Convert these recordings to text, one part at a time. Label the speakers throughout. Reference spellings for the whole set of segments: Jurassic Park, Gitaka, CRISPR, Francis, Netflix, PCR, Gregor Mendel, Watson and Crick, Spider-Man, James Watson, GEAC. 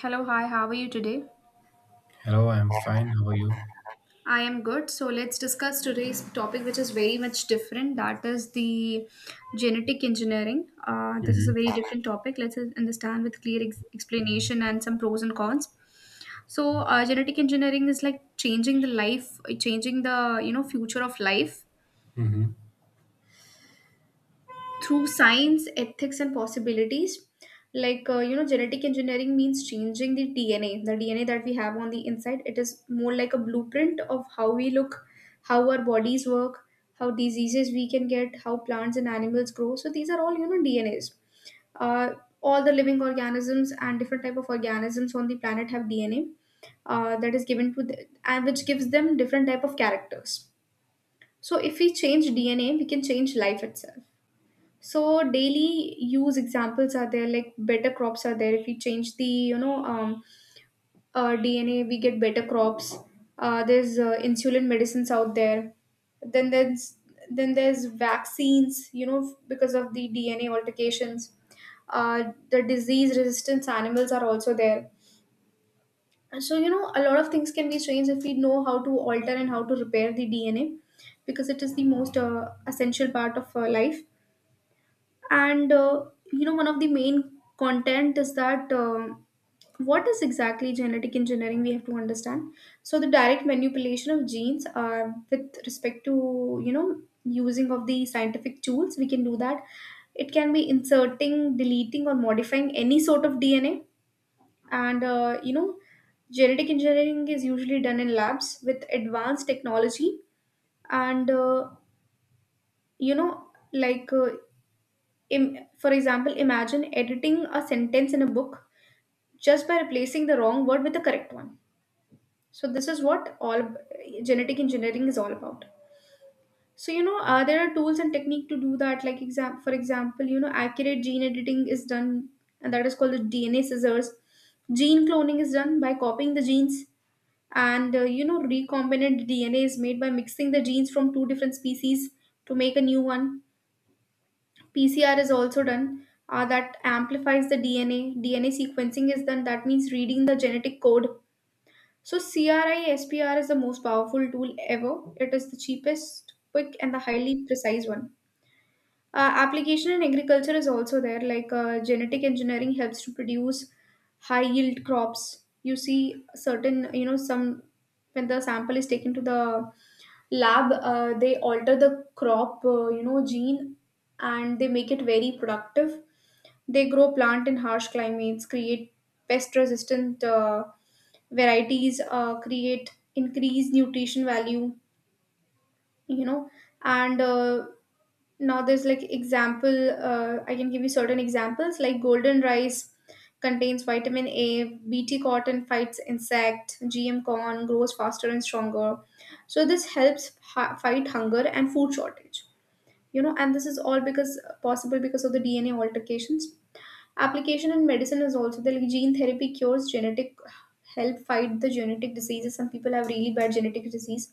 Speaker 1: Hello, hi, how are you today?
Speaker 2: Hello, I'm fine. How are you?
Speaker 1: I am good. So, let's discuss today's topic, which is very much different. That is the genetic engineering. This is
Speaker 2: Hmm.
Speaker 1: a very different topic. Let's understand with clear explanation and some pros and cons. So, genetic engineering is like changing the life, changing the future of life
Speaker 2: Hmm.
Speaker 1: through science, ethics, and possibilities. Like, genetic engineering means changing the DNA, the DNA that we have on the inside. It is more like a blueprint of how we look, how our bodies work, how diseases we can get, how plants and animals grow. So, these are all, you know, DNAs. Uh, all the living organisms and different type of organisms on the planet have DNA that is given to the, and which gives them different type of characters. So if we change DNA, we can change life itself. So daily use examples are there, like better crops are there. If we change the DNA, we get better crops. There's insulin medicines out there. Then there's then there's vaccines. You know because of the DNA altercations, the disease resistance animals are also there. And so you know a lot of things can be changed if we know how to alter and how to repair the DNA because it is the most essential part of life, and you know one of the main content is that what is exactly genetic engineering we have to understand. So the direct manipulation of genes, with respect to you know using of the scientific tools, we can do that. It can be inserting, deleting, or modifying any sort of DNA. And you know, genetic engineering is usually done in labs with advanced technology. And you know like uh, for example, imagine editing a sentence in a book just by replacing the wrong word with the correct one. So this is what all genetic engineering is all about. So you know, there are tools and technique to do that. Like for example, you know, accurate gene editing is done, and that is called the DNA scissors. Gene cloning is done by copying the genes, and you know, recombinant DNA is made by mixing the genes from two different species to make a new one. PCR is also done, that amplifies the DNA. DNA sequencing is done, that means reading the genetic code. So, CRISPR is the most powerful tool ever. It is the cheapest, quick, and the highly precise one. Application in agriculture is also there, like genetic engineering helps to produce high yield crops. You see, certain, you know, some when the sample is taken to the lab, they alter the crop, gene, and they make it very productive. They grow plant in harsh climates, create pest resistant varieties, create increase nutrition value, you know. And now there's like example I can give you certain examples, like golden rice contains vitamin A, BT cotton fights insect, GM corn grows faster and stronger. So this fight hunger and food shortage, you know, and this is all because possible because of the DNA altercations. Application in medicine is also there, like gene therapy cures genetic, help fight the genetic diseases. Some people have really bad genetic disease,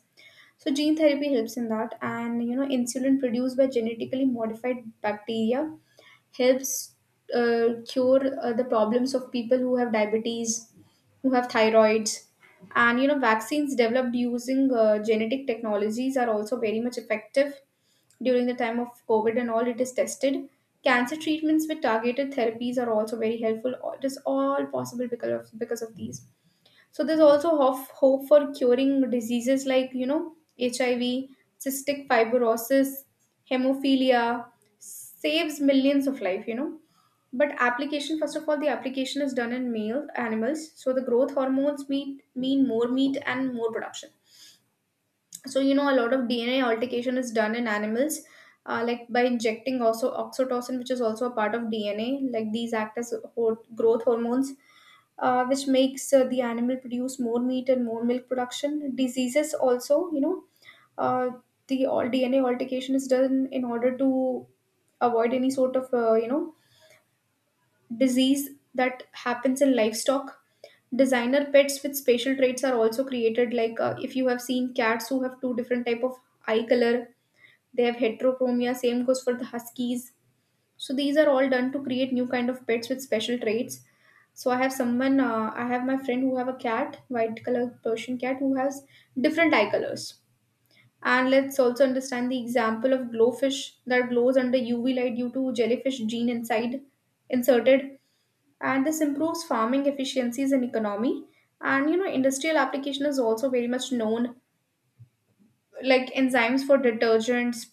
Speaker 1: so gene therapy helps in that. And you know, insulin produced by genetically modified bacteria helps cure the problems of people who have diabetes, who have thyroids. And you know, vaccines developed using genetic technologies are also very much effective during the time of COVID and all. It is tested. Cancer treatments with targeted therapies are also very helpful. It is all possible because of these. So there's also hope for curing diseases like, you know, HIV, cystic fibrosis, hemophilia, saves millions of life, you know. But application, first of all, the application is done in male animals. So the growth hormones mean more meat and more production. So you know a lot of DNA altercation is done in animals, like by injecting also oxytocin, which is also a part of DNA. Like these act as growth hormones, which makes the animal produce more meat and more milk production diseases also, you know. uh, the all DNA altercation is done in order to avoid any sort of disease that happens in livestock. Designer pets with spatial traits are also created. Like if you have seen cats who have two different type of eye color, they have heterochromia. Same goes for the huskies. So these are all done to create new kind of pets with special traits. So I have someone, I have my friend who have a cat, white color Persian cat who has different eye colors. And let's also understand the example of glowfish that glows under UV light due to jellyfish gene inside inserted, and this improves farming efficiencies and economy. And you know industrial application is also very much known, like enzymes for detergents,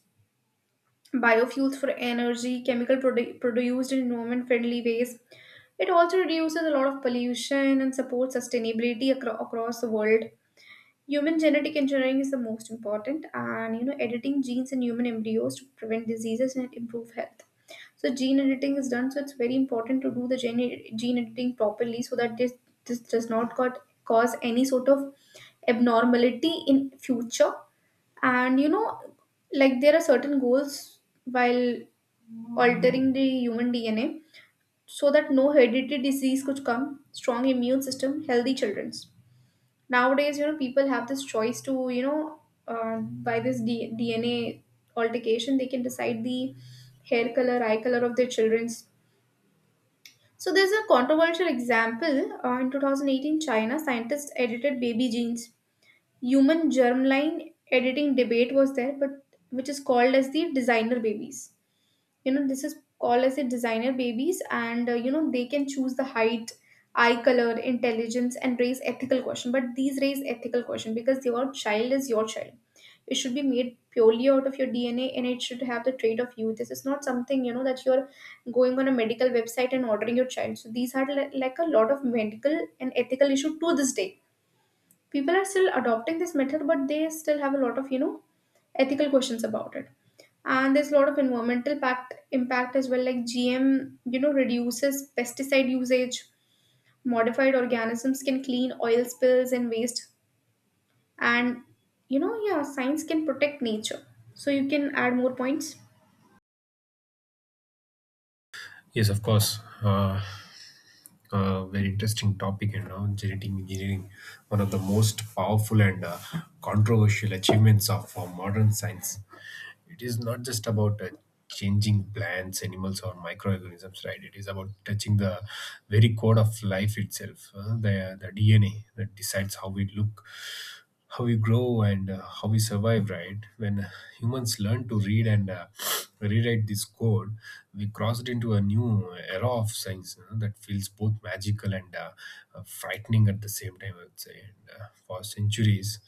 Speaker 1: biofuels for energy, produced in environment friendly ways. It also reduces a lot of pollution and supports sustainability across the world. Human genetic engineering is the most important, and you know editing genes in human embryos to prevent diseases and improve health. So gene editing is done. So it's very important to do the gene editing properly, so that this does not cause any sort of abnormality in future. And you know like there are certain goals while altering the human DNA, so that no hereditary disease could come, strong immune system, healthy children's. Nowadays you know people have this choice to you know, by this DNA altercation they can decide the hair color, eye color of their children's. So there's a controversial example. In 2018, China scientists edited baby genes. Human germline editing debate was there, but which is called as the designer babies. You know, this is called as a designer babies, and you know they can choose the height, eye color, intelligence, and raise ethical question. But these raise ethical question because your child is your child. It should be made purely out of your DNA, and it should have the trait of you. This is not something you know that you're going on a medical website and ordering your child. So these are like a lot of medical and ethical issue. To this day, people are still adopting this method, but they still have a lot of you know ethical questions about it. And there's a lot of impact as well, like GM you know reduces pesticide usage, modified organisms can clean oil spills and waste. And you know, yeah, science can protect nature, so you can add more points.
Speaker 2: Yes, of course. Very interesting topic, you know, genetic engineering, one of the most powerful and controversial achievements of modern science. It is not just about changing plants, animals, or microorganisms, right? It is about touching the very code of life itself, the DNA that decides how we look, how we grow and how we survive, right? When humans learn to read and rewrite this code, we crossed into a new era of science, you know, that feels both magical and frightening at the same time, I would say. And for centuries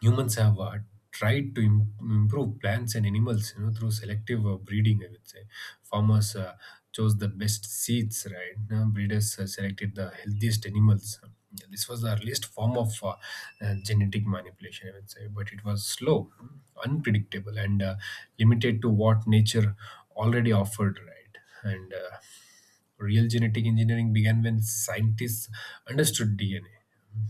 Speaker 2: humans have tried to improve plants and animals, you know, through selective breeding, I would say. Farmers chose the best seeds. Right now, breeders selected the healthiest animals. This was the earliest form of genetic manipulation, I would say, but it was slow, unpredictable and limited to what nature already offered, right? and real genetic engineering began when scientists understood DNA,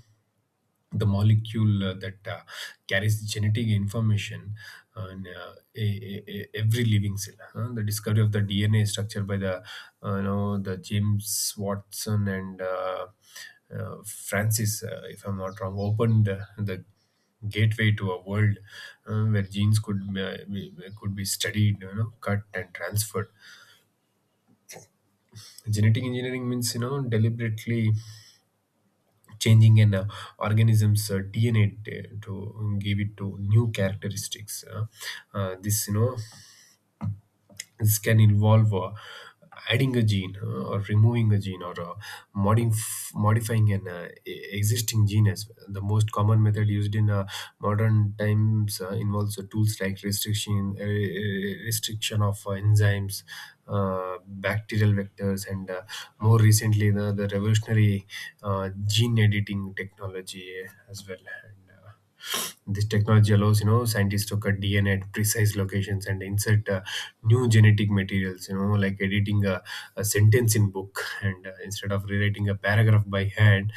Speaker 2: the molecule that carries genetic information on every living cell. Huh? The discovery of the DNA structure by the you know the James Watson and Francis, if I'm not wrong, opened the gateway to a world where genes could could be studied, you know, cut and transferred. Genetic engineering means, you know, deliberately changing an organism's DNA to give it to new characteristics. This, you know, this can involve adding a gene or removing a gene or modifying an existing gene as well. The most common method used in modern times involves tools like restriction of enzymes, bacterial vectors and more recently the revolutionary gene editing technology as well. And this technology allows, you know, scientists to cut DNA at precise locations and insert new genetic materials, you know, like editing a sentence in book, and instead of rewriting a paragraph by hand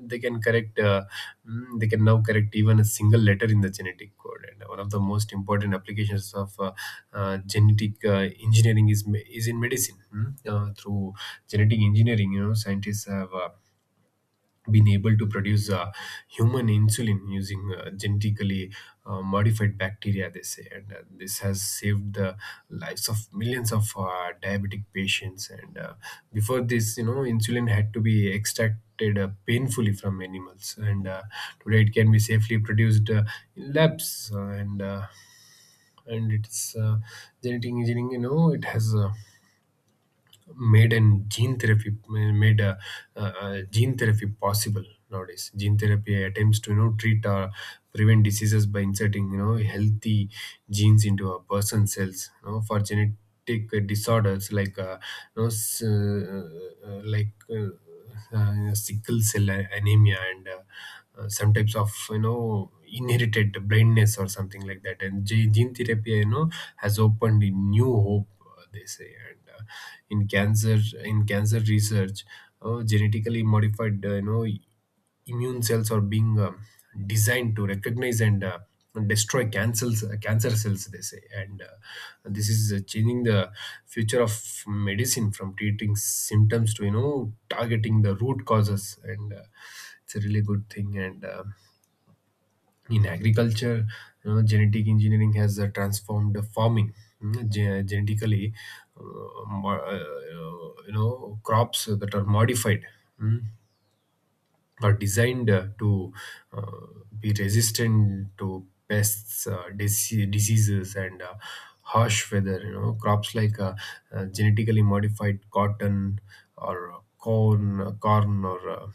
Speaker 2: they can correct they can now correct even a single letter in the genetic code. And one of the most important applications of genetic engineering is in medicine. Mm. Through genetic engineering, you know, scientists have been able to produce human insulin using genetically modified bacteria, they say, and this has saved the lives of millions of diabetic patients. And before this, you know, insulin had to be extracted painfully from animals, and today it can be safely produced in labs and it's genetic engineering, you know, it has made and gene therapy made gene therapy possible. Nowadays gene therapy attempts to, you know, treat or prevent diseases by inserting, you know, healthy genes into a person's cells, you know, for genetic disorders like you know s- like sickle cell anemia and some types of, you know, inherited blindness or something like that. And gene therapy, you know, has opened a new hope, they say, and in cancer, in cancer research, genetically modified, you know, immune cells are being designed to recognize and destroy cancer cells, they say, and this is changing the future of medicine from treating symptoms to, you know, targeting the root causes, and it's a really good thing. And In agriculture, you know, genetic engineering has transformed farming. Mm. Genetically mo- you know, crops that are modified, mm, are designed to uh, be resistant to pests, diseases and harsh weather. You know, crops like genetically modified cotton or corn or uh,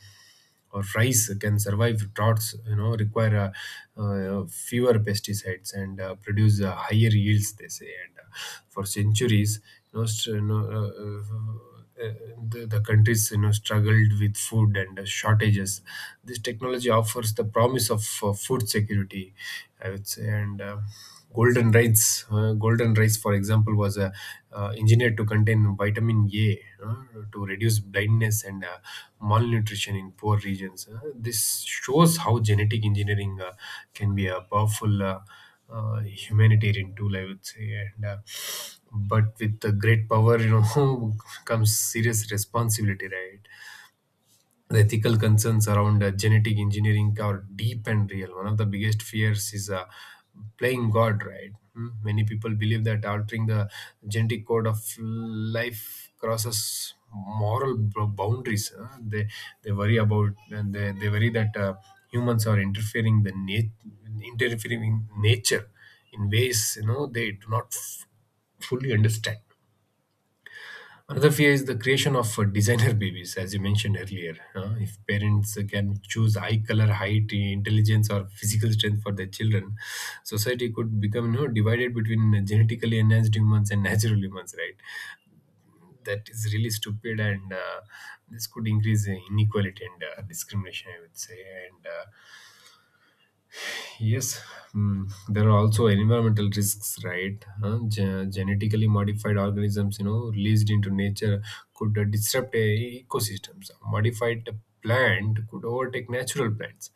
Speaker 2: or rice can survive droughts, you know, require fewer pesticides and produce higher yields, they say, and for centuries, you know, the the countries, you know, struggled with food and shortages. This technology offers the promise of food security, I would say, and golden rice for example was engineered to contain vitamin a, uh, to reduce blindness and malnutrition in poor regions. This shows how genetic engineering can be a powerful humanitarian tool, I would say, and but with the great power, you know, comes serious responsibility, right? The ethical concerns around genetic engineering are deep and real. One of the biggest fears is playing God, right? Hmm? Many people believe that altering the genetic code of life crosses moral boundaries. Huh? They worry about, and they worry that humans are interfering in nature in ways, you know, they do not fully understand. Another fear is the creation of designer babies, as you mentioned earlier. If parents can choose eye color, height, intelligence, or physical strength for their children, society could become, you know, divided between genetically enhanced humans and natural humans, right? That is really stupid, and this could increase inequality and discrimination, I would say. And Yes, mm, there are also environmental risks, right? Huh? Genetically modified organisms, you know, released into nature could disrupt ecosystems. Modified plant could overtake natural plants.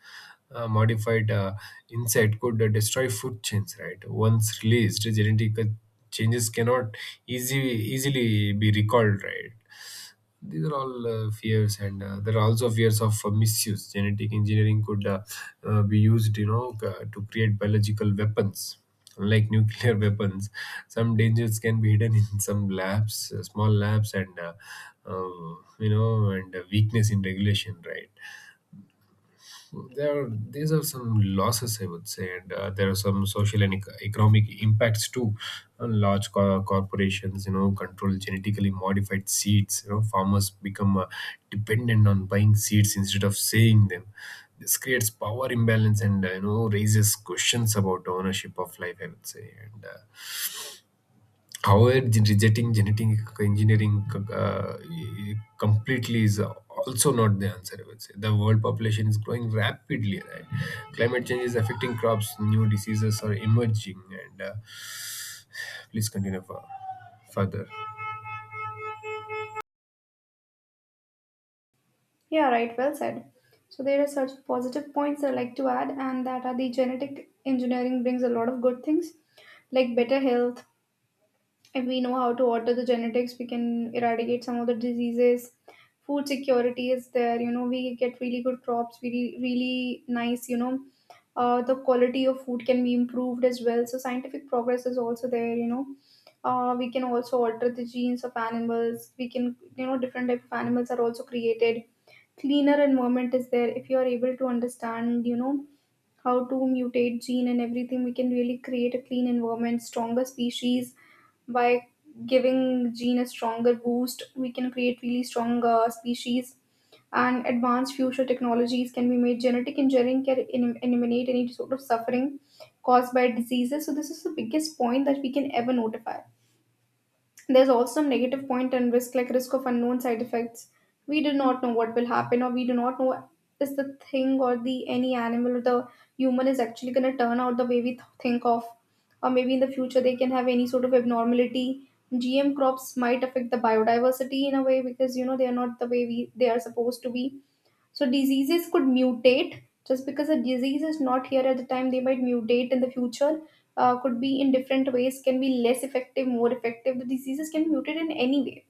Speaker 2: Modified insect could destroy food chains, right? Once released, genetic changes cannot easily be recalled, right? These are all fears, and there are also fears of misuse. Genetic engineering could be used, you know, to create biological weapons like nuclear weapons. Some dangers can be hidden in some labs, small labs, and you know and weakness in regulation, right? there are These are some losses, I would say, and there are some social and economic impacts too. Large corporations, you know, control genetically modified seeds. You know, farmers become dependent on buying seeds instead of saving them. This creates power imbalance, and you know, raises questions about ownership of life, I would say, and however, rejecting genetic engineering uh, completely is also not the answer. I would say the world population is growing rapidly. Right, climate change is affecting crops. New diseases are emerging, and please continue for further.
Speaker 1: Yeah, right. Well said. So there are such positive points I like to add, and that are the genetic engineering brings a lot of good things, like better health. If we know how to alter the genetics, we can eradicate some of the diseases. Food security is there, you know we get really good crops, really really nice, you know. The quality of food can be improved as well. So scientific progress is also there, you know. We can also alter the genes of animals. We can you know different type of animals are also created. Cleaner environment is there. If you are able to understand you know how to mutate gene and everything, we can really create a clean environment. Stronger species by giving gene a stronger boost, we can create really strong species. And advanced future technologies can be made. Genetic engineering can eliminate any sort of suffering caused by diseases. So this is the biggest point that we can ever notify. There's also some negative point and risk, like risk of unknown side effects. We do not know what will happen, or we do not know is the thing or the any animal or the human is actually going to turn out the way we think of, or maybe in the future they can have any sort of abnormality. GM crops might affect the biodiversity in a way because you know they are not the way we they are supposed to be. So diseases could mutate just because a disease is not here at the time, they might mutate in the future. Could be in different ways, can be less effective, more effective. The diseases can mutate in any way.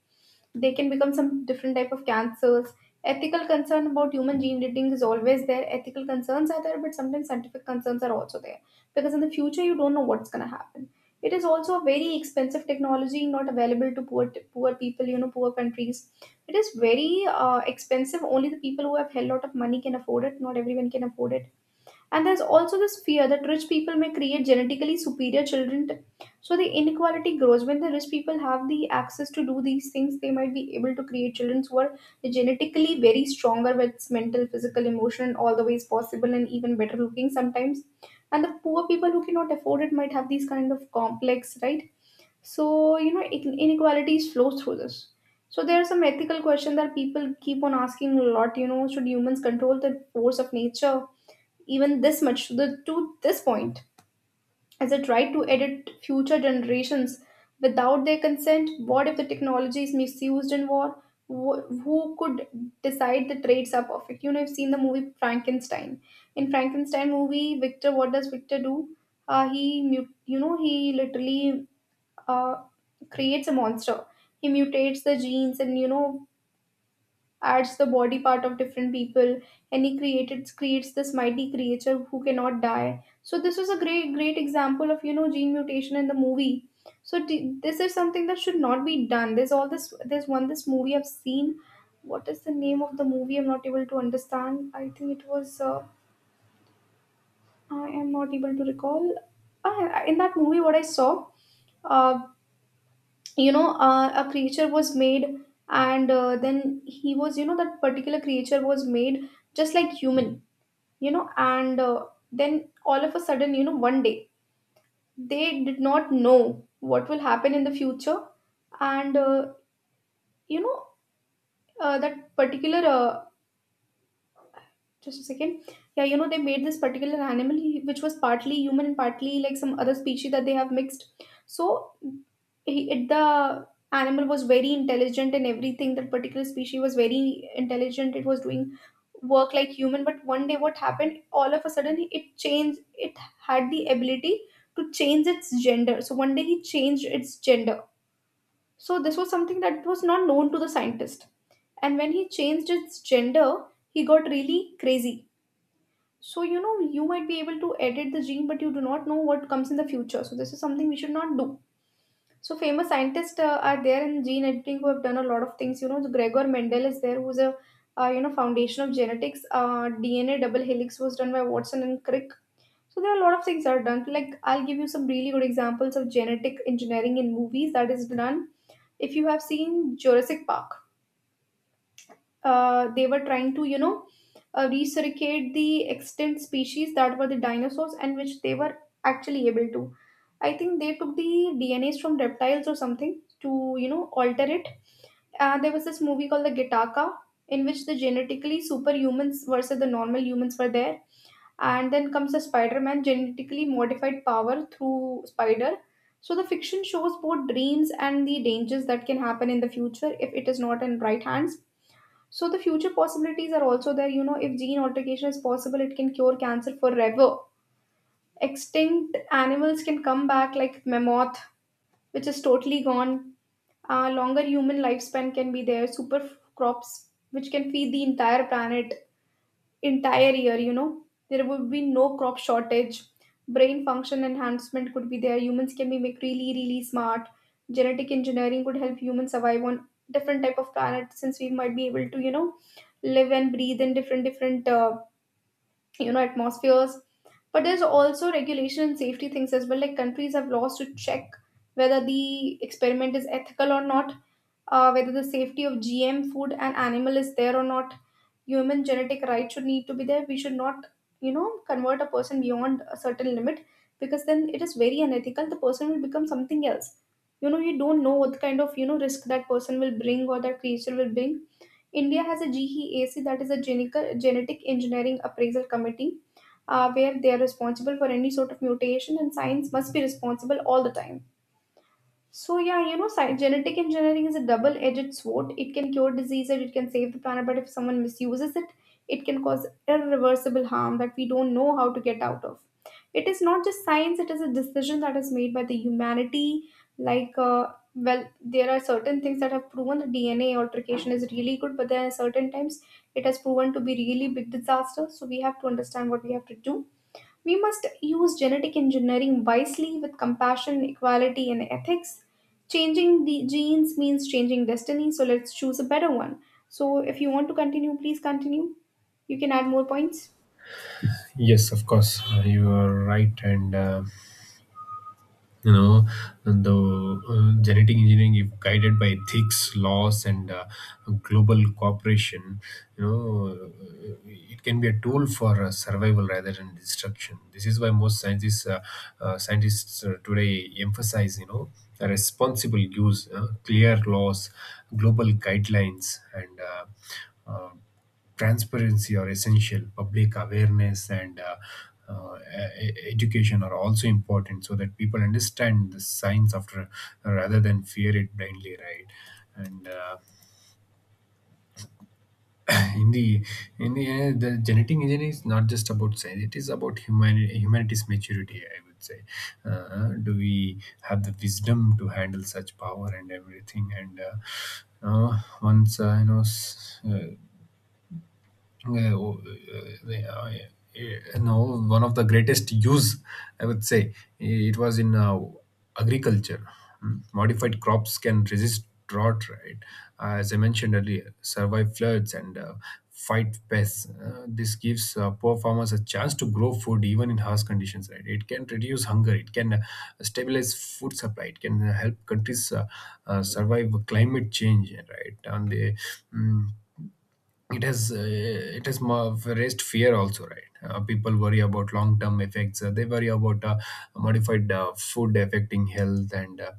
Speaker 1: They can become some different type of cancers. Ethical concern about human gene editing is always there. Ethical concerns are there, but sometimes scientific concerns are also there, because in the future you don't know what's going to happen. It is also a very expensive technology, not available to poor poor people, you know, poor countries. It is very expensive. Only the people who have hell lot of money can afford it. Not everyone can afford it. And there's also this fear that rich people may create genetically superior children. So the inequality grows. When the rich people have the access to do these things, they might be able to create children who are genetically very stronger with mental, physical, emotional, and all the ways possible, and even better looking sometimes. And the poor people who cannot afford it might have these kind of complex, right? So, you know, inequalities flows through this. So there's some ethical question that people keep on asking a lot, you know, should humans control the force of nature, even this much to, the, to this point? Is it right to edit future generations without their consent? What if the technology is misused in war? Who could decide the traits are perfect? You know, I've seen the movie Frankenstein. In Frankenstein movie, Victor, what does Victor do? You know, he literally uh, creates a monster. He mutates the genes and, you know, adds the body part of different people, and he created creates this mighty creature who cannot die. So this was a great great example of, you know, gene mutation in the movie. This is something that should not be done. There's all this. There's one this movie I've seen. What is the name of the movie? I'm not able to understand. I think it was. I am not able to recall. Ah, in that movie, what I saw, uh, you know, a creature was made, and then he was, you know, that particular creature was made just like human, you know, and then all of a sudden, you know, one day they did not know what will happen in the future, and you know, that particular Just a second. Yeah, you know, they made this particular animal which was partly human and partly like some other species that they have mixed. So he, it, the animal was very intelligent and everything. That particular species was very intelligent. It was doing work like human. But one day, what happened? All of a sudden, it changed. It had the ability to change its gender. So one day, he changed its gender. So this was something that was not known to the scientist. And when he changed its gender, he got really crazy. So, you know, you might be able to edit the gene, but you do not know what comes in the future. So, this is something we should not do. So, famous scientists are there in gene editing who have done a lot of things. You know, the Gregor Mendel is there, who's a you know, foundation of genetics. DNA double helix was done by Watson and Crick. So, there are a lot of things that are done. Like, I'll give you some really good examples of genetic engineering in movies that is done. If you have seen Jurassic Park, they were trying to, you know, recirculate the extinct species that were the dinosaurs, and which they were actually able to. I think they took the DNAs from reptiles or something to, you know, alter it. There was this movie called the Gitaka, in which the genetically superhumans versus the normal humans were there. And then comes the Spider-Man, genetically modified power through spider. So the fiction shows both dreams and the dangers that can happen in the future if it is not in right hands. So the future possibilities are also there. You know, if gene alteration is possible, it can cure cancer forever. Extinct animals can come back, like mammoth, which is totally gone. Longer human lifespan can be there. Crops, which can feed the entire planet entire year, you know, there would be no crop shortage. Brain function enhancement could be there. Humans can be make really really smart. Genetic engineering could help humans survive on different type of planets, since we might be able to, you know, live and breathe in different different you know, atmospheres. But there's also regulation and safety things as well. Like, countries have laws to check whether the experiment is ethical or not, whether the safety of GM food and animal is there or not. Human genetic rights should need to be there. We should not, you know, convert a person beyond a certain limit, because then it is very unethical. The person will become something else. You know, you don't know what kind of, you know, risk that person will bring or that creature will bring. India has a GEAC, that is a genetic engineering appraisal committee, where they are responsible for any sort of mutation, and science must be responsible all the time. So yeah, you know, genetic engineering is a double-edged sword. It can cure disease and it can save the planet, but if someone misuses it, it can cause irreversible harm that we don't know how to get out of. It is not just science; it is a decision that is made by the humanity. Like, well, there are certain things that have proven the DNA altercation is really good, but there are certain times it has proven to be really big disaster. So we have to understand what we have to do. We must use genetic engineering wisely with compassion, equality, and ethics. Changing the genes means changing destiny, so let's choose a better one. So if you want to continue, please continue. You can add more points.
Speaker 2: Yes, of course, you are right. And you know, the genetic engineering, if guided by ethics, laws and global cooperation, you know, it can be a tool for survival rather than destruction. This is why most scientists today emphasize, you know, a responsible use. Clear laws, global guidelines and uh, transparency are essential. Public awareness and uh, education are also important so that people understand the science after, rather than fear it blindly, right? and in the in the end, the genetic engineering is not just about science. It is about humanity's maturity, I would say. Uh, do we have the wisdom to handle such power and everything? And once you know s- uh, uh, you know, one of the greatest use, I would say, it was in agriculture. Mm. Modified crops can resist drought, right? As I mentioned earlier, survive floods and fight pests. This gives poor farmers a chance to grow food even in harsh conditions, right? It can reduce hunger, it can stabilize food supply, it can help countries survive climate change, right? And they, mm, it has raised fear also, right? Uh, people worry about long term effects. They worry about modified food affecting health, and uh,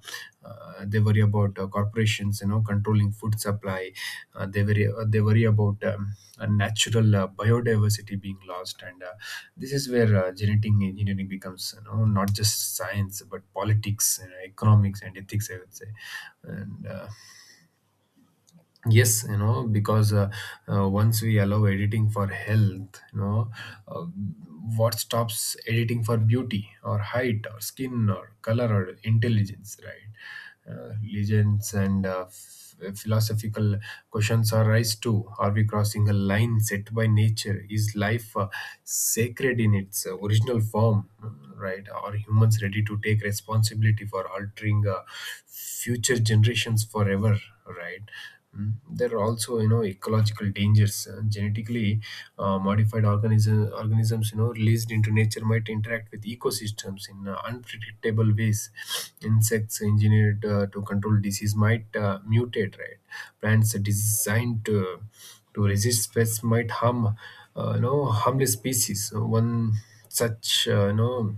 Speaker 2: uh, they worry about corporations, you know, controlling food supply. They worry about natural biodiversity being lost, and this is where genetic engineering becomes, you know, not just science but politics and economics and ethics, I would say, and yes, you know, because once we allow editing for health, you know, uh, what stops editing for beauty or height or skin or color or intelligence, right? Uh, legends and philosophical questions arise too. Are we crossing a line set by nature? Is life sacred in its original form, right? Are humans ready to take responsibility for altering future generations forever, right? Mm, there are also, you know, ecological dangers. Genetically modified organism, organisms, you know, released into nature might interact with ecosystems in unpredictable ways. Insects engineered to control disease might mutate, right? Plants designed to resist pests might harm, you know, harmless species. So one such, you know,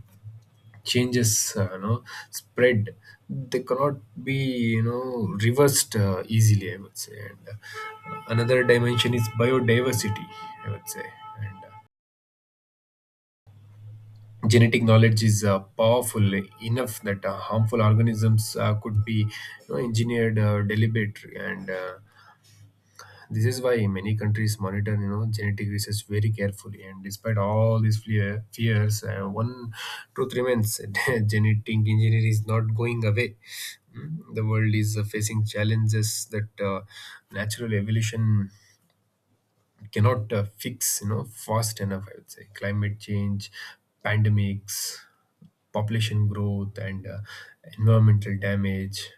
Speaker 2: changes, you know, spread, they cannot be, you know, reversed easily, I would say, and another dimension is biodiversity, I would say, and genetic knowledge is powerful enough that harmful organisms could be, you know, engineered deliberately, and this is why many countries monitor, you know, genetic research very carefully. And despite all these fears, one truth remains: that genetic engineering is not going away. Mm, the world is facing challenges that natural evolution cannot fix, you know, fast enough. I would say climate change, pandemics, population growth and environmental damage.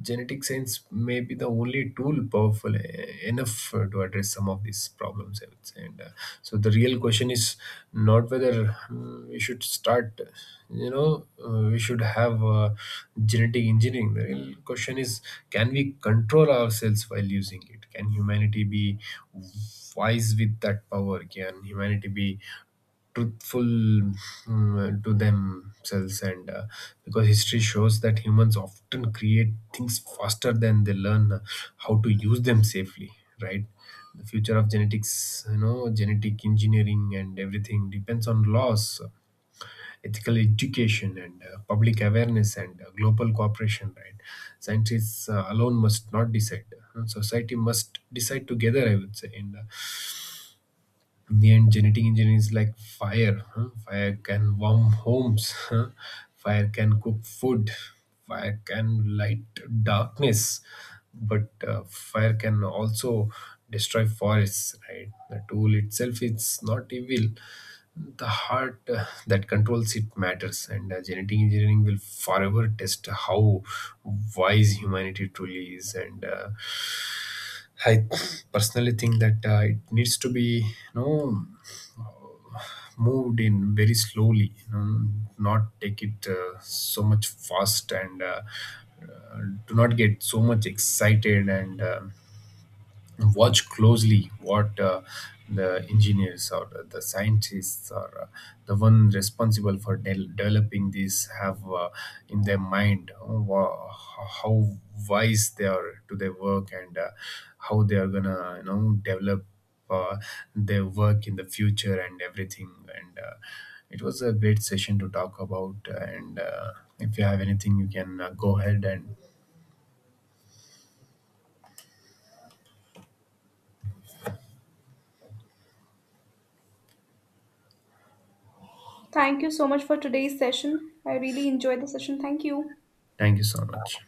Speaker 2: Genetic science may be the only tool powerful enough to address some of these problems, I would say. And so the real question is not whether, mm, we should start, you know, we should have genetic engineering. The real question is, can we control ourselves while using it? Can humanity be wise with that power? Can humanity be truthful, mm, to themselves? And because history shows that humans often create things faster than they learn how to use them safely, right? The future of genetics, you know, genetic engineering and everything, depends on laws, ethical education and public awareness and global cooperation, right? Scientists alone must not decide. Society must decide together, I would say, and me and genetic engineering is like fire. Huh? Fire can warm homes. Huh? Fire can cook food. Fire can light darkness. But fire can also destroy forests, right? The tool itself is not evil. The heart that controls it matters, and genetic engineering will forever test how wise humanity truly is. And I personally think that it needs to be, you know, moved in very slowly. You know, not take it so much fast, and uh, do not get so much excited. And watch closely what the engineers or the scientists or the one responsible for developing this have in their mind, how wise they are to their work, and how they are gonna, you know, develop uh, their work in the future and everything, and it was a great session to talk about, and if you have anything you can go ahead and
Speaker 1: Thank you so much for today's session. I really enjoyed the session. Thank you.
Speaker 2: thank you so much.